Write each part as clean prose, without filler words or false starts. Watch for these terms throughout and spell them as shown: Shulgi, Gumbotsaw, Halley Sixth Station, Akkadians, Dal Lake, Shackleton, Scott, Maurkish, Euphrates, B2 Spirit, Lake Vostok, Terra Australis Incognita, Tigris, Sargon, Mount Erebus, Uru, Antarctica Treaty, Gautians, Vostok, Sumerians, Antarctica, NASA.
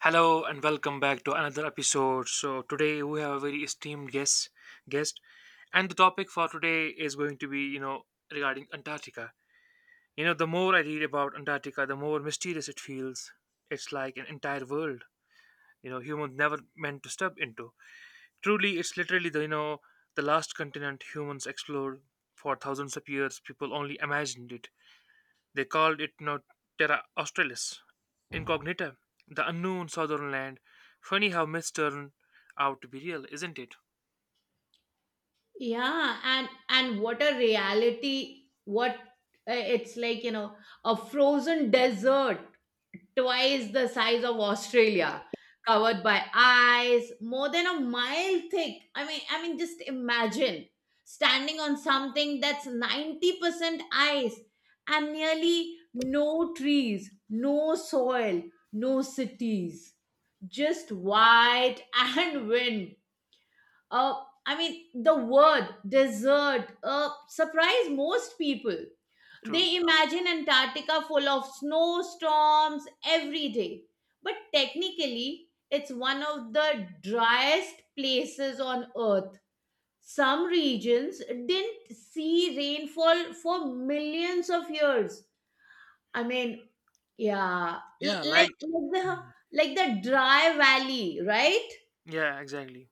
Hello and welcome back to another episode. So today we have a very esteemed guest and the topic for today is going to be, regarding Antarctica. You know, the more I read about Antarctica, the more mysterious it feels. It's like an entire world, humans never meant to step into. Truly, it's literally the last continent humans explored for thousands of years. People only imagined it. They called it now Terra Australis Incognita, the unknown southern land. Funny how myths turn out to be real, isn't it? Yeah, and what a reality. What It's like a frozen desert twice the size of Australia, covered by ice more than a mile thick. I mean, just imagine standing on something that's 90% ice and nearly no trees, no soil, no cities, just white and wind. uh, I mean, the word desert surprised most people. True. They imagine Antarctica full of snowstorms every day. But technically, it's one of the driest places on Earth. Some regions didn't see rainfall for millions of years. I mean, yeah, Yeah, l- like, like like. the Mhm. like the dry valley, right? Yeah, exactly.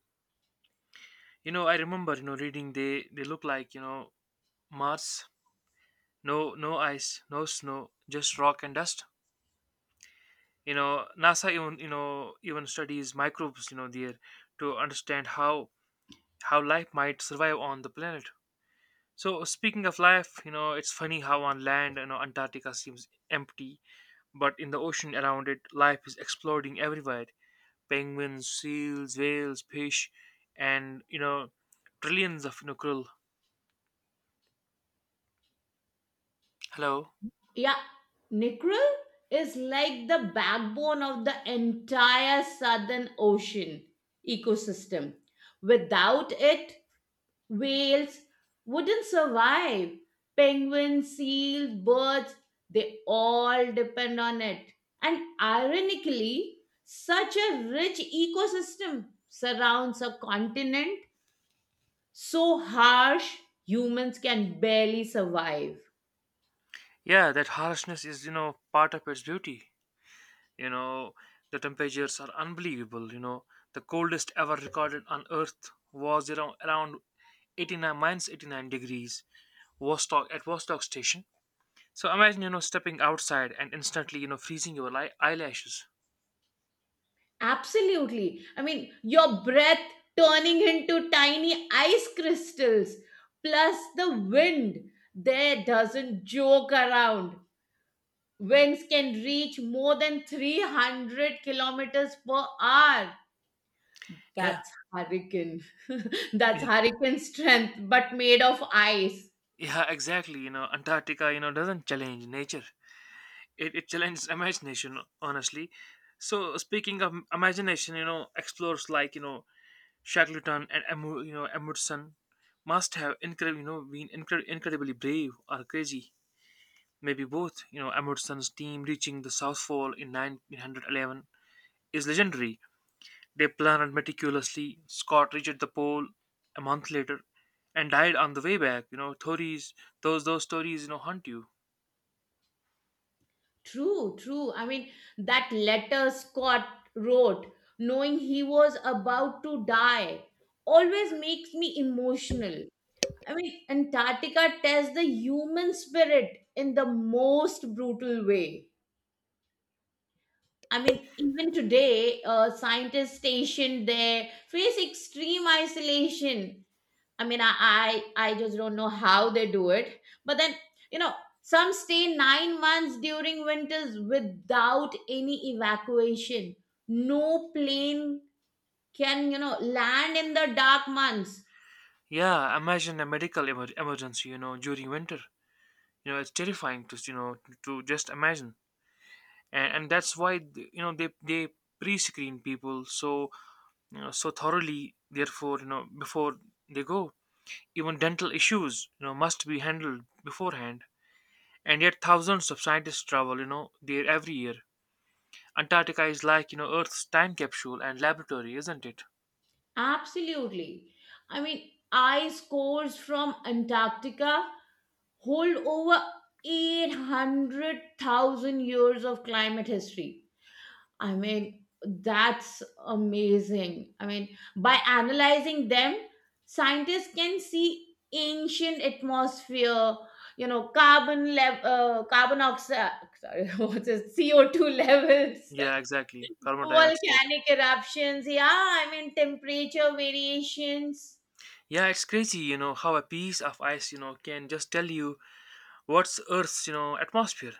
You know, I remember reading they look like Mars, no no ice, no snow, just rock and dust. You know, NASA even even studies microbes there to understand how life might survive on the planet. So speaking of life, you know, it's funny how on land, you know, Antarctica seems empty, but in the ocean around it, life is exploding everywhere. Penguins, seals, whales, fish, and trillions of krill. Hello. Yeah, Nickel is like the backbone of the entire Southern Ocean ecosystem. Without it, whales wouldn't survive. Penguins, seals, birds, they all depend on it. And ironically, such a rich ecosystem surrounds a continent so harsh humans can barely survive. Yeah, that harshness is part of its beauty. You know, the temperatures are unbelievable. You know, the coldest ever recorded on Earth was around 89 minus 89 degrees. Vostok at Vostok station. So imagine, you know, stepping outside and instantly, you know, freezing your eyelashes. Absolutely. I mean, your breath turning into tiny ice crystals, plus the wind there doesn't joke around. Winds can reach more than 300 kilometers per hour. Yeah, That's hurricane. That's yeah, hurricane strength, but made of ice. yeah, exactly. You know, Antarctica, you know, doesn't challenge nature. It challenges imagination, honestly. So speaking of imagination, you know, explorers like, you know, Shackleton and, you know, Emerson must have, incredible, incredibly brave or crazy. Maybe both. You know, Emerson's team reaching the South Pole in 1911 is legendary. They planned meticulously. Scott reached the pole a month later and died on the way back. You know, stories, those stories, you know, haunt you. True, true. I mean, that letter Scott wrote, knowing he was about to die, always makes me emotional. I mean, Antarctica tests the human spirit in the most brutal way. I mean, even today, scientists stationed there face extreme isolation. I mean, I just don't know how they do it. But then, you know, some stay 9 months during winters without any evacuation. No plane can, land in the dark months. Yeah, imagine a medical emergency, you know, during winter. You know, it's terrifying to, to just imagine. And that's why, you know, they pre-screen people so thoroughly, therefore, you know, before they go. Even dental issues, you know, must be handled beforehand. And yet thousands of scientists travel, you know, there every year. Antarctica is like, you know, Earth's time capsule and laboratory, isn't it? Absolutely. I mean, ice cores from Antarctica hold over 800,000 years of climate history. I mean, that's amazing. I mean, by analyzing them, scientists can see ancient atmosphere, carbon level, carbon oxide, sorry, what's it, CO2 levels. Yeah, exactly. Carbon dioxide. Volcanic eruptions, yeah, I mean, temperature variations. Yeah, it's crazy, you know, how a piece of ice, you know, can just tell you what's Earth's, you know, atmosphere.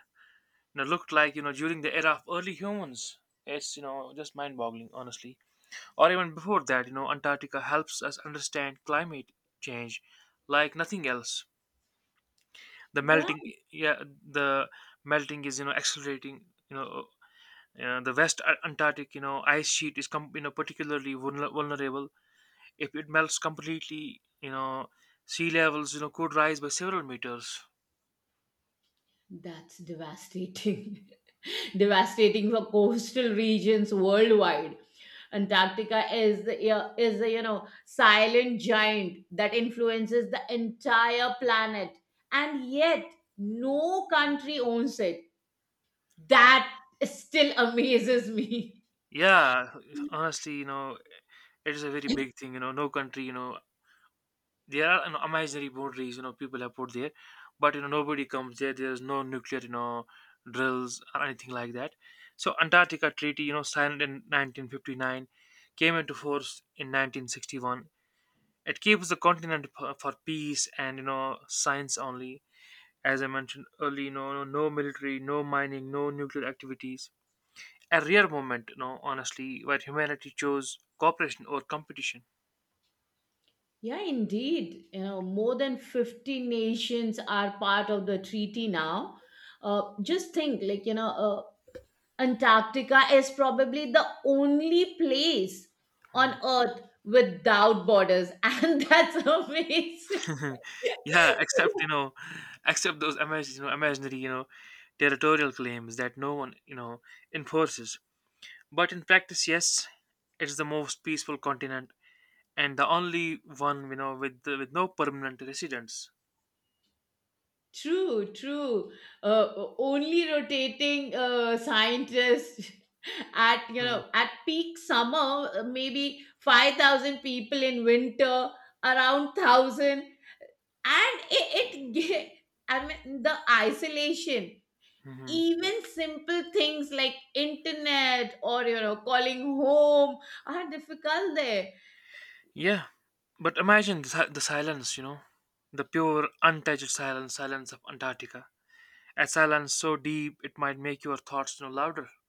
You know, looked like, you know, during the era of early humans. It's, you know, just mind boggling, honestly. Or even before that, you know, Antarctica helps us understand climate change like nothing else. The Yeah, melting, yeah, the melting is, you know, accelerating, you know. The West Antarctic, you know, ice sheet is you know particularly vulnerable. If it melts completely, you know, sea levels could rise by several meters. that's devastating. Devastating for coastal regions worldwide. Antarctica is the, yeah, is the silent giant that influences the entire planet, and yet no country owns it. That still amazes me. Yeah, honestly, you know, it is a very big thing. You know, no country, you know, there are imaginary boundaries. You know, people have put there, but you know, nobody comes there. There's no nuclear, you know, drills or anything like that. So Antarctica Treaty, you know, signed in 1959, came into force in 1961. It keeps the continent for peace and you know science only. As I mentioned earlier, you know, no military, no mining, no nuclear activities. A rare moment, you know, honestly, where humanity chose cooperation or competition. Yeah, indeed. More than 50 nations are part of the treaty now. Just think, like, Antarctica is probably the only place on Earth without borders, and that's amazing. Yeah, except you know, except those imagine, you know, imaginary, you know, territorial claims that no one, you know, enforces. But in practice, yes, it's the most peaceful continent and the only one, you know, with no permanent residents. True, true. Uh, Only rotating scientists, at you Mhm, know at peak summer, maybe 5,000 people, in winter around thousand, and ge- I mean, the isolation, mhm. even simple things like internet or calling home, are difficult there. Yeah, but imagine the, the silence, you know, the pure, untouched silence, silence of Antarctica. A silence so deep it might make your thoughts no louder.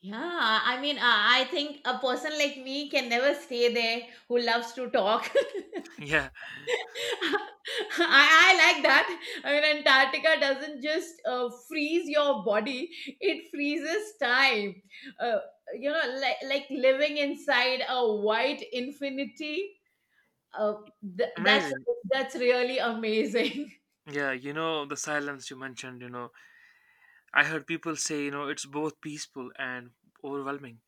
Yeah, I mean, I think a person like me can never stay there, who loves to talk. Yeah, I like that. I mean, Antarctica doesn't just freeze your body, it freezes time. uh, like, living inside a white infinity. Uh, th- that's amazing. that's really amazing. Yeah, you know, the silence you mentioned, you know, I heard people say, you know, it's both peaceful and overwhelming.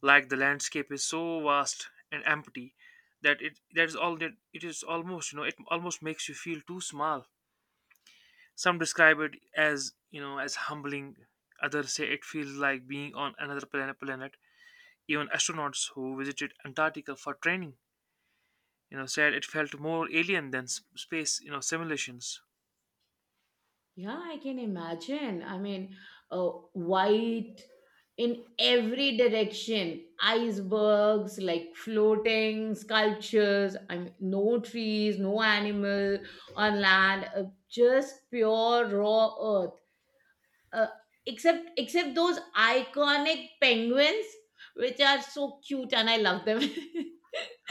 Like the landscape is so vast and empty that it is almost, you know, it almost makes you feel too small. Some describe it as as humbling. Others say it feels like being on another planet. Planet. Even astronauts who visited Antarctica for training, you know, said it felt more alien than space, you know, simulations. Yeah, I can imagine. I mean, white in every direction, icebergs like floating sculptures. I mean, no trees, no animal on land, just pure raw earth. Uh, except those iconic penguins, which are so cute, and I love them.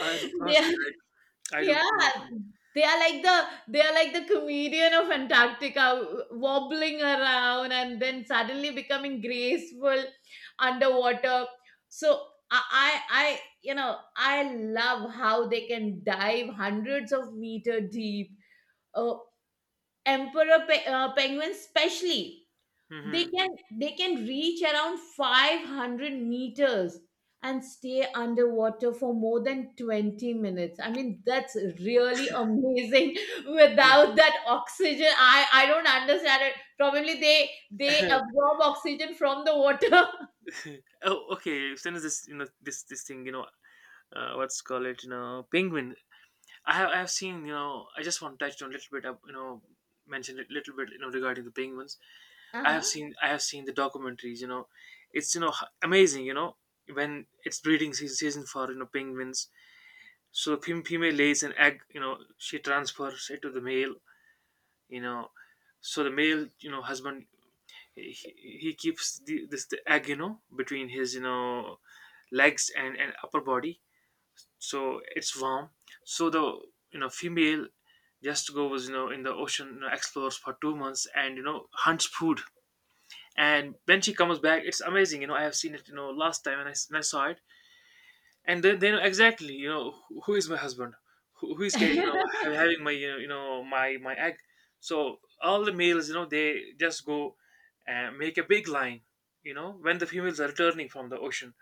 I honestly, they I do too Yeah, love these. They are like the comedian of Antarctica, wobbling around and then suddenly becoming graceful underwater. So, I love how they can dive hundreds of meter deep. Uh, Emperor penguins, especially, they Mm-hmm. can they can reach around 500 meters and stay underwater for more than 20 minutes. I mean, that's really amazing. Without that oxygen, I don't understand it. Probably they Yeah. absorb oxygen from the water. Oh, okay. As soon as this, you know, this thing, you know, what's call it, you know, penguin. I have seen, you know, I just want to touch on a little bit, you know, mention a little bit, you know, regarding the penguins. Uh-huh. I have seen the documentaries. You know, it's amazing. You know when it's season for you know penguins. So the female lays an egg. You know she transfers it to the male. You know, so the male you know husband he keeps the egg you know between his you know legs and upper body. So it's warm. So the you know female just goes you know in the ocean you know, explores for two months and you know hunts food, and when she comes back it's amazing you know I have seen it you know last time and I, s- and I saw it. And then they know exactly you know who is my husband, who is getting you know having my you know my egg. So all the males you know they just go and make a big line you know when the females are returning from the ocean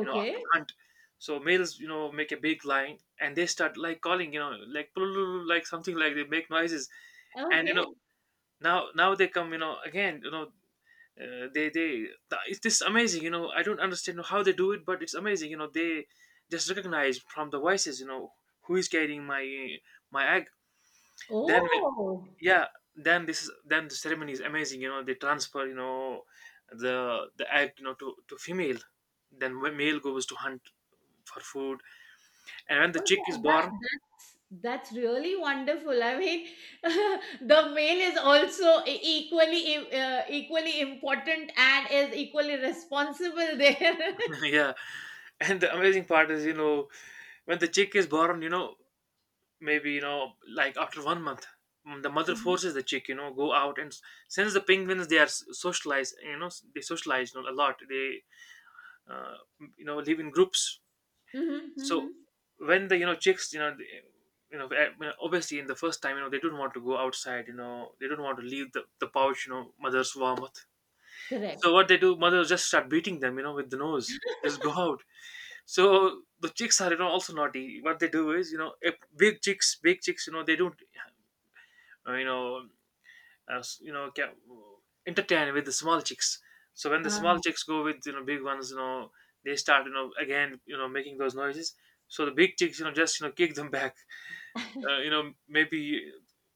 you know after hunt. So males you know make a big line and they start like calling you know like like something like they make noises. And you okay. know now they come you know again you know. Uh, it's this amazing you know I don't understand how they do it, but it's amazing you know they just recognize from the voices you know who is carrying my egg. Then Oh. yeah, then this is then the ceremony is amazing you know they transfer you know the egg you know to female. Then male goes to hunt for food. And when the Oh, chick is yeah, that, born. that's really wonderful. I mean, the male is also equally important and is equally responsible there. Yeah, and the amazing part is you know when the chick is born you know maybe you know like after one month, mm, the mother Mhm, forces the chick you know go out and since the penguins they are s- socialized you know s- they socialize you know, a lot they uh, you know live in groups. mhm, So mhm. when the you know chicks you know you know well, obviously in the first time you know they don't want to go outside you know they don't want to leave the pouch you know mother's warmth. Correct. So what they do mothers just start beating them you know with the nose just go out. So the chicks are you know also naughty what they do is you know if big chicks you know they don't you know, as you know, ca- entertain with the small chicks. So when the small Um, chicks go with you know big ones, you know, they start you know again you know making those noises. So the big chicks, you know, just you know kick them back. You know, maybe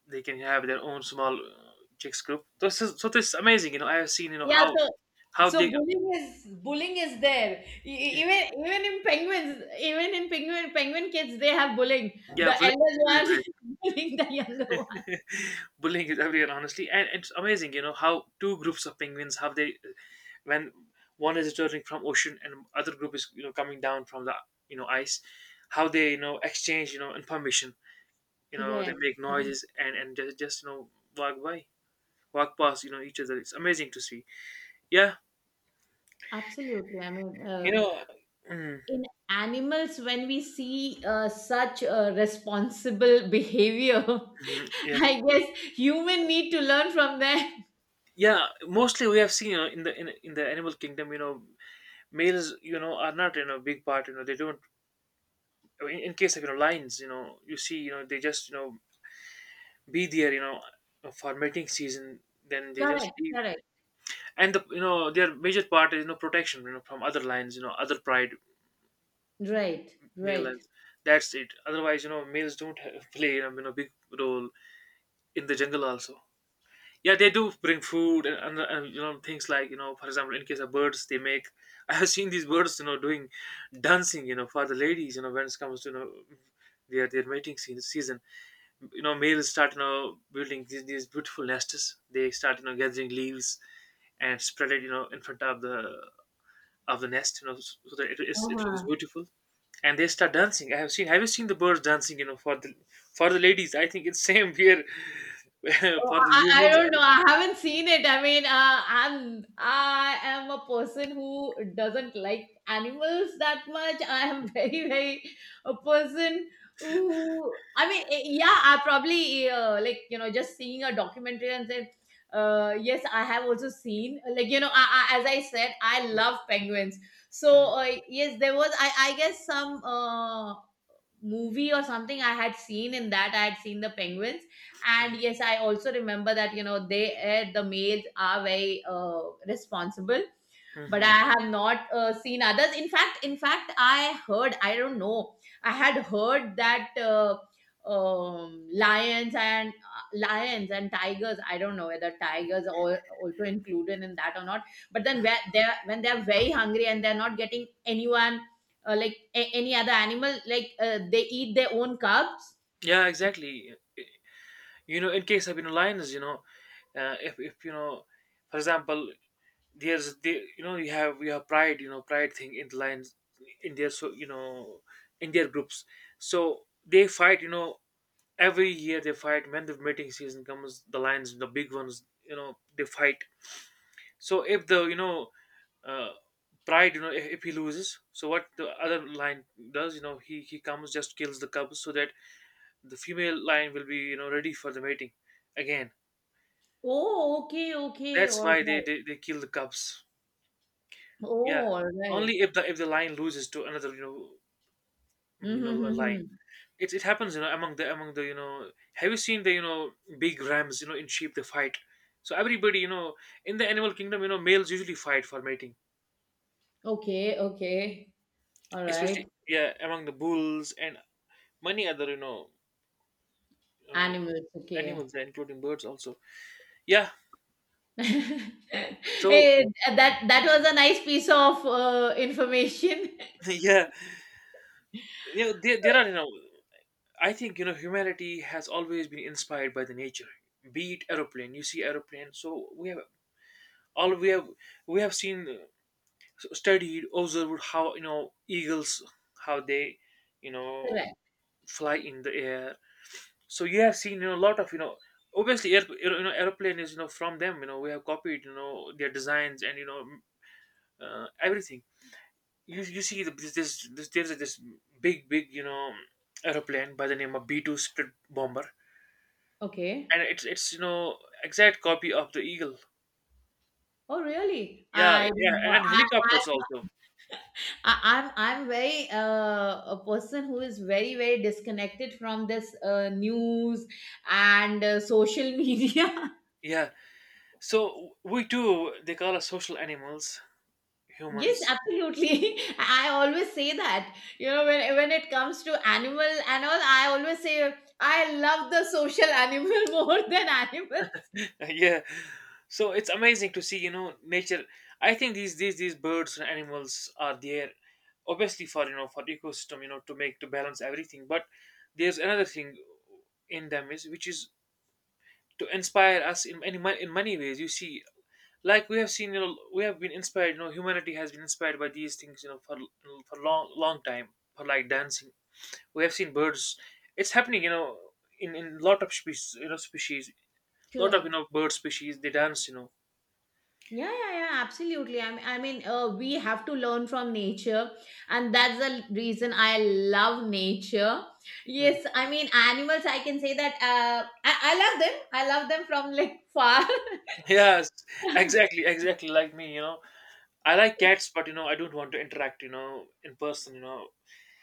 they can have their own small chicks group. So so this is amazing. You know, I have seen you know yeah. So, how they bullying is there. E- yeah, e- Even even in penguins, even in penguin kids, they have bullying. yeah The bullying elder is one, everywhere. bullying the younger one. Bullying is everywhere, honestly, and it's amazing how two groups of penguins, how they, when one is returning from ocean and other group is coming down from the ice, how they exchange information. They Correct, make correct. noises and just, walk by, walk past each other. It's amazing to see. Yeah. Absolutely. I mean, you know mm, in animals when we see such responsible behavior, mhm. Yeah. I guess human need to learn from them. Yeah, mostly we have seen in the in the animal kingdom. Males are not big part. They don't. In in case of lions, you see, they just be there for mating season, then they just Correct, leave. correct. And the their major part is protection, from other lines, other pride Right, male right. lines. That's it. Otherwise, males don't play big role in the jungle also. Yeah, they do bring food, and things like, for example, in case of birds, they make I have seen these birds doing dancing for the ladies when it comes to their mating season. Males start building these beautiful nests. They start gathering leaves and spread it in front of the nest, so that it is, it looks Uh-huh. beautiful. And they start dancing. I have seen. Have you seen the birds dancing? For the ladies, I think it's same here Oh, for the I humans. don't know. I haven't seen it. I mean, I am a person who doesn't like animals that much. I am very, very a person who, I mean, yeah, I probably, like, just seeing a documentary, and then yes, I have also seen, like, as I said, I love penguins. So, yes, there was, I guess, some movie or something I had seen. In that, I had seen the penguins, and yes, I also remember that, they, the males are very responsible. But Mm-hmm. I have not seen others. In fact, I heard, I don't know, I had heard that, lions and, lions and tigers, I don't know whether tigers are also included in that or not. But then, where they're when they're very hungry, and they're not getting anyone, like any other animal, like, they eat their own cubs. Yeah, exactly. In case of lions, if for example, there's the, you have, pride, pride thing in the lions in their, in their groups, so they fight, every year they fight when the mating season comes. The lions, the big ones, they fight. So if the, uh, pride, if he loses, so what the other lion does, he comes, just kills the cubs so that the female lion will be ready for the mating again. Oh, okay, okay. That's All why right. They kill the cubs. Yeah, Oh, all only right. if the, lion loses to another, Mm-hmm, line. mm-hmm. It happens, among the, have you seen the, big rams in sheep, they fight. So everybody, in the animal kingdom, males usually fight for mating, Okay, okay. All especially, right. yeah, among the bulls and many other, uh, Animals. Okay. animals, including birds also. Yeah, so Hey, that was a nice piece of information. yeah, there are, I think, humanity has always been inspired by the nature. Be it aeroplane. You see aeroplane, so we have, all we have we have seen, studied, observed how, eagles, how they, you know Correct. fly in the air. So you have seen, a lot of, obviously air, airplane is, from them, we have copied, their designs and, everything. You you, see the, this, there's this big, big, airplane by the name of B-2 Spirit bomber, Okay. and it's, exact copy of the eagle. Oh, really? Yeah, yeah, Didn't know. and helicopters also. I, I'm I'm very a person who is very, very disconnected from this news and social media. Yeah, so we too, they call us social animals, Yes, humans. absolutely. I always say that. When it comes to animal and all, I always say I love the social animal, more than animals. Yeah, so it's amazing to see, nature. I think these birds and animals are there, obviously for, for the ecosystem, to balance everything. But there's another thing in them is, which is to inspire us in many, ways, you see. Like we have seen, we have been inspired, humanity has been inspired by these things, for, long, long time. For like dancing, we have seen birds. It's happening, in lot of species, species, lot of, Correct. Bird species, they dance, Yeah, yeah, yeah, absolutely. I mean, we have to learn from nature, and that's the reason I love nature. Yes, Mhm. I mean, animals, I can say that, I love them. I love them from, like, far. Yes, exactly, exactly, like me, I like cats, but I don't want to interact, in person,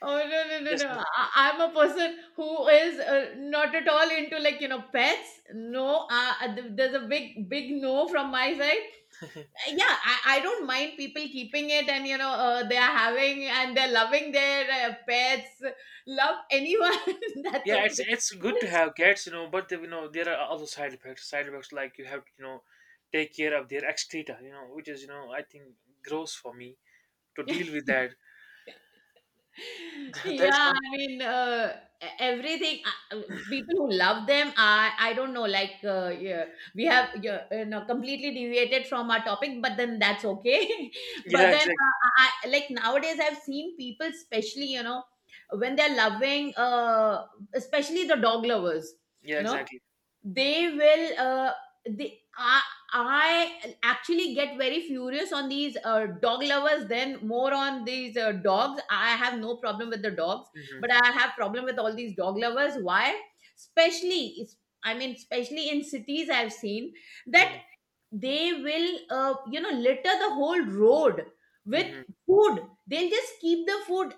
Oh, no, no, no, just. no! I'm a person who is not at all into, like, pets. No, there's a big, big no from my side. Yeah, I don't mind people keeping it, and they are having, and they're loving their pets. Love anyone, that's Yeah, okay. it's good to have cats, but there are other side effects, like you have to, take care of their excreta, which is, I think, gross for me to deal with that. That's Yeah, one. I mean, everything, people who love them, I don't know, like, yeah, we have, yeah, completely deviated from our topic, but then that's okay. But Yeah, then, exactly. Like, nowadays I've seen people, especially, when they're loving, especially the dog lovers, Yeah, you know exactly. they will, they I actually get very furious on these dog lovers, then more on these dogs. I have no problem with the dogs, Hmm. but I have problem with all these dog lovers. Why? especially is- I mean, especially in cities, I've seen that Hmm. they will, litter the whole road with Hmm. food. They'll just keep the food,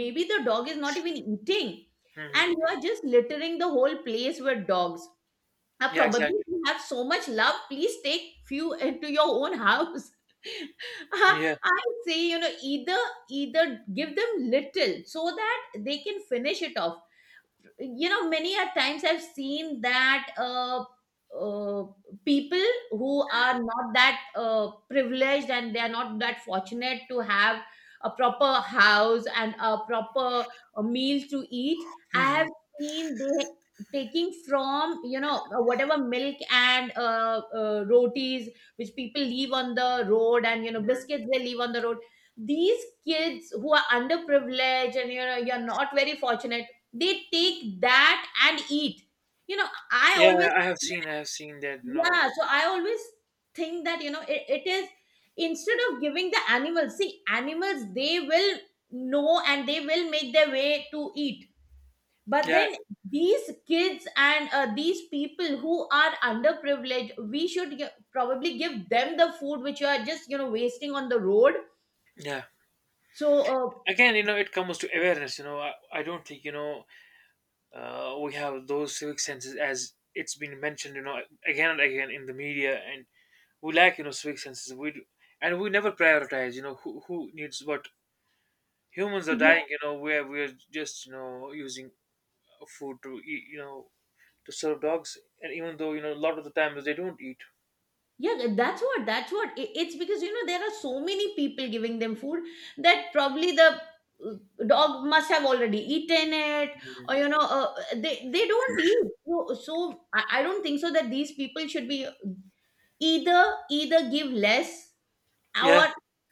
maybe the dog is not even eating, and Hmm. you are just littering the whole place with dogs. Yeah, Probably exactly. you have so much love. Please take few into your own house. I Yeah. I say, you know, either give them little, so that they can finish it off. Many a times I've seen that, uh, people who are not that privileged, and they are not that fortunate to have a proper house and a proper, meal to eat, I Hmm. have seen they taking from, whatever milk and, rotis which people leave on the road, and biscuits they leave on the road. These kids who are underprivileged, and you're not very fortunate, they take that and eat. I always— Yeah, I have seen that. Yeah, so I always think that, it is, instead of giving the animals, see, animals, they will know and they will make their way to eat. But Yeah, then, these kids and, these people who are underprivileged, we should probably give them the food which you are just, wasting on the road. yeah. So, Again, it comes to awareness. I don't think, we have those civic senses, as it's been mentioned. Again and again in the media, and we lack, civic senses. We do, and we never prioritize. Who needs what? Humans are dying. Where we're just, using food to eat. To serve dogs, and even though, a lot of the times they don't eat. yeah, that's what, that's what. It's because, there are so many people giving them food, that probably the, uh, dog must have already eaten it. Mhm. Or, they don't eat. So, I don't think so that these people should be, either, give less, or Yeah.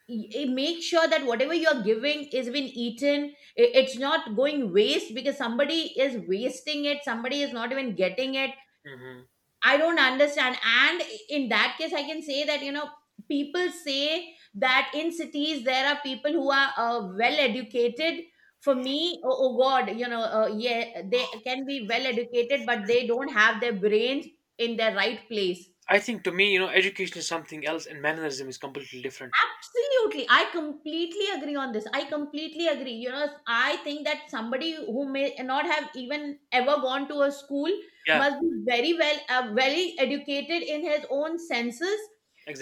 make sure that whatever you're giving is been eaten. It's not going waste because somebody is wasting it. Somebody is not even getting it. Hmm. I don't understand. And in that case, I can say that, people say that in cities there are people who are well educated. For me, oh, oh God, yeah, they can be well educated, but they don't have their brains in their right place. I think to me, education is something else and mannerism is completely different. Absolutely. I completely agree on this. I completely agree. You know, I think that somebody who may not have even ever gone to a school Yeah, must be very well, very educated in his own senses,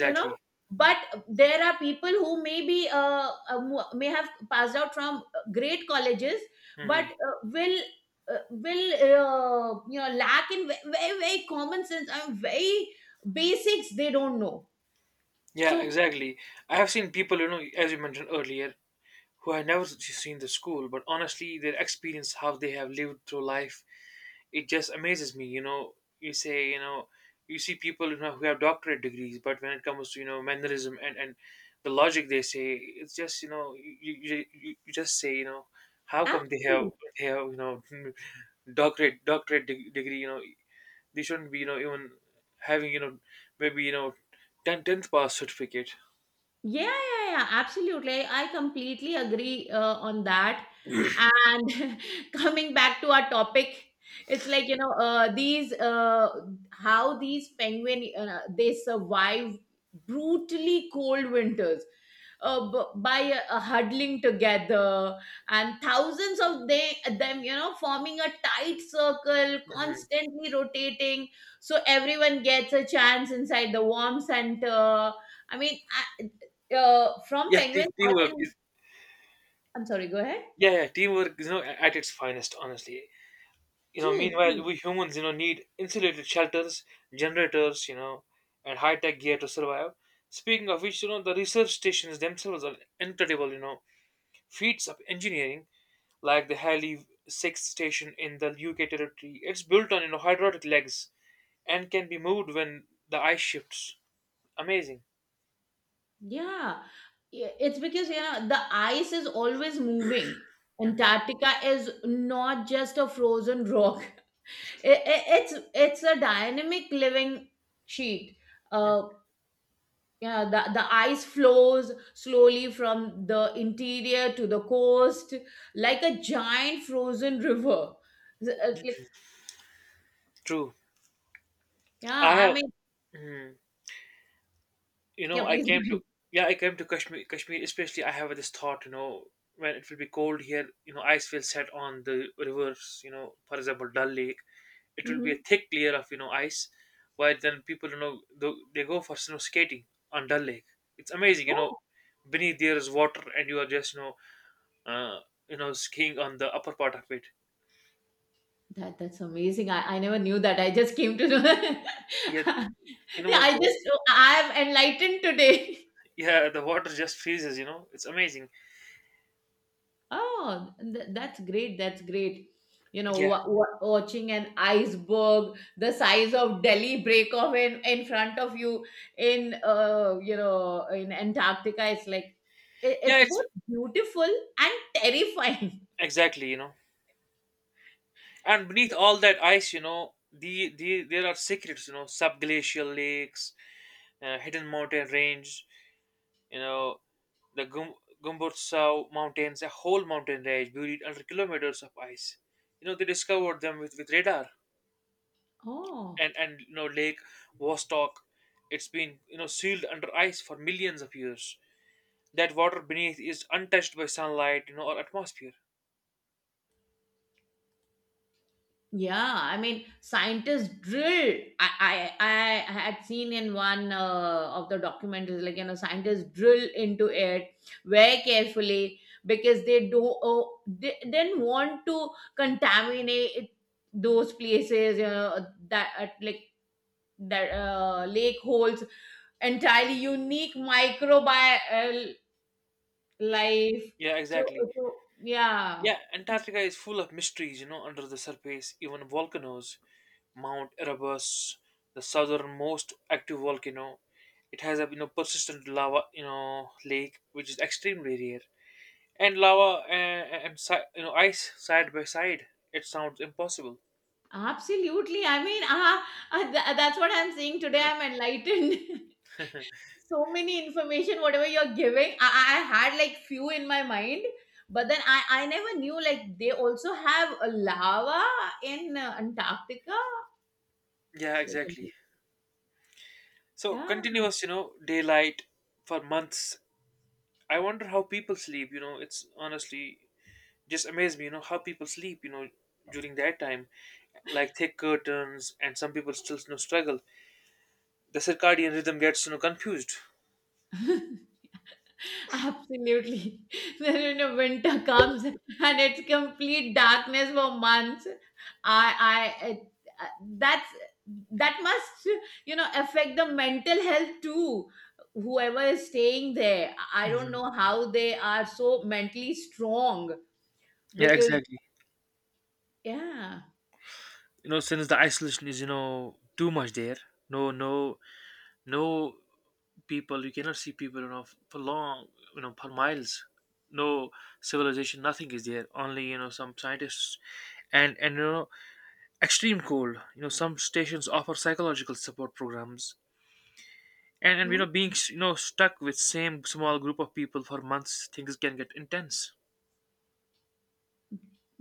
you know. But there are people who may be, may have passed out from great colleges, but Hmm. Will. Will you know lack in very common sense and very basics they don't know Yeah, so exactly. I have seen people, as you mentioned earlier, who I never seen the school, but honestly, their experience, how they have lived through life, it just amazes me. You say, you see people, who have doctorate degrees, but when it comes to, mannerism and the logic they say, it's just, you just say, how come they have, absolutely. they have you know doctorate degree, They shouldn't be, even having, maybe, tenth pass certificate. Yeah, yeah, yeah, absolutely. I completely agree on that. And coming back to our topic, it's like you know these how these penguin they survive brutally cold winters b- by huddling together and thousands of them you know forming a tight circle Hmm. constantly rotating so everyone gets a chance inside the warm center. I mean, from Yeah, penguins, I teamwork can— is. I'm sorry, go ahead. Yeah, yeah, teamwork is, at its finest, honestly. True, Meanwhile, true. we humans, need insulated shelters, generators, and high tech gear to survive. Speaking of which, the research stations themselves are incredible, feats of engineering, like the Halley Sixth Station in the UK territory. It's built on, hydraulic legs and can be moved when the ice shifts. Amazing. Yeah. Yeah, it's because, you know, the ice is always moving. Mhm. Antarctica is not just a frozen rock. It's it's a dynamic living sheet. Mhm. Uh, yeah, the ice flows slowly from the interior to the coast like a giant frozen river. Z- like— True. yeah, I I have. mean, Mhm. you yeah, know, I please go came to, ahead. yeah, I came to Kashmir, Kashmir, especially I have this thought, when it will be cold here, ice will set on the rivers, for example, Dal Lake. It will be a Mhm. thick layer of, ice, where then people, they go for snow skating on Dal Lake. It's amazing, Oh. beneath there is water and you are just, uh, skiing on the upper part of it. That that's amazing. I never knew that. I just came to know. Yeah, you Yeah, know, I the, just— I am enlightened today. yeah, the water just freezes, it's amazing. Oh, th- that's great. That's great. You know, Yeah. Watching an iceberg the size of Delhi break off in front of you in you know in Antarctica. It's like it, Yeah, it's it's both beautiful and terrifying. Exactly. And beneath all that ice, the there are secrets, subglacial lakes, hidden mountain range, you know, the Gumbotsaw mountains, a whole mountain range buried under kilometers of ice. They discovered them, with radar. Oh. And Lake Vostok. It's been, sealed under ice for millions of years. That water beneath is untouched by sunlight, or atmosphere. Yeah, I mean, scientists drill. I had seen in one of the documentaries, like, you know, scientists drill into it very carefully because they don't, they didn't want to contaminate it— those places, you know, that, like, that lake holds entirely unique microbial life. Yeah, So, exactly. so yeah. Yeah, Antarctica is full of mysteries, under the surface, even volcanoes. Mount Erebus, the southernmost active volcano, it has a, persistent lava, lake which is extremely rare, and lava and ice side by side. It sounds impossible. Absolutely. I mean, that's what I'm saying today. I'm enlightened. So many information, whatever you're giving, I had like few in my mind, but then I never knew like they also have a lava in Antarctica. Yeah, It's like, a exactly. bit— So yeah. continuous, daylight for months. I wonder how people sleep. It's honestly just amazed me, how people sleep, during that time, like thick curtains, and some people still, struggle. The circadian rhythm gets, confused. Absolutely. Then you know winter comes and it's complete darkness for months. I I it, uh, that's that must you know affect the mental health too. Whoever is staying there, I don't Hmm. know how they are so mentally strong Yeah, because exactly. yeah. Since the isolation is, too much there. No, no, no, people, you cannot see people, for long, for miles, no civilization, nothing is there, only, some scientists, and extreme cold. You know some stations offer psychological support programs, and being stuck with same small group of people for months, things can get intense.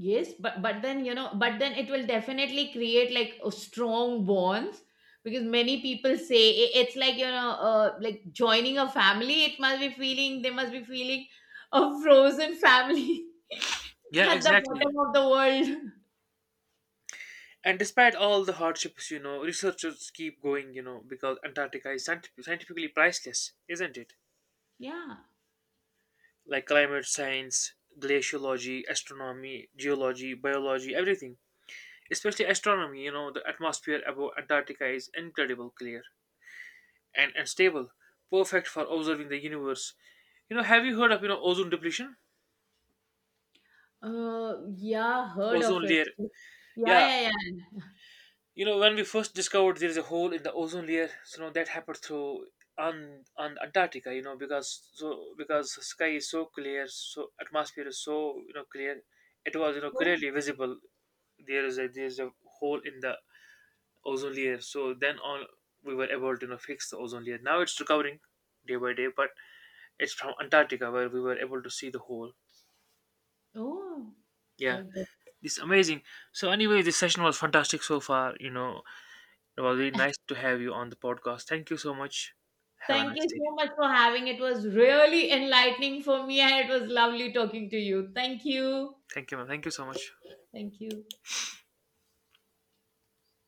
Yes, but then you know, but then it will definitely create like a strong bonds because many people say I- it's like you know, like joining a family. It must be feeling— they must be feeling a frozen family Yeah, at the exactly. bottom of the world. And despite all the hardships, researchers keep going, because Antarctica is scientifically priceless, isn't it? Yeah, Like climate science, glaciology, astronomy, geology, biology, everything. Especially astronomy. You know the atmosphere above Antarctica is incredible clear, and stable, perfect for observing the universe. Have you heard of, ozone depletion? Yeah, heard Ozone of it. layer. Yeah, Yeah. yeah, yeah. When we first discovered there is a hole in the ozone layer, so, that happened through, on Antarctica. Because because the sky is so clear, so atmosphere is so, clear, it was, Oh, clearly visible. There is a hole in the ozone layer. So then on, we were able to, fix the ozone layer. Now it's recovering day by day, but it's from Antarctica where we were able to see the hole. oh. Yeah, The- it's amazing. So anyway, this session was fantastic so far. It was really nice to have you on the podcast. Thank you so much. Have a Thank you nice day. so much for having. It was really enlightening for me, and it was lovely talking to you. Thank you. Thank you, ma'am. Thank you so much. Thank you.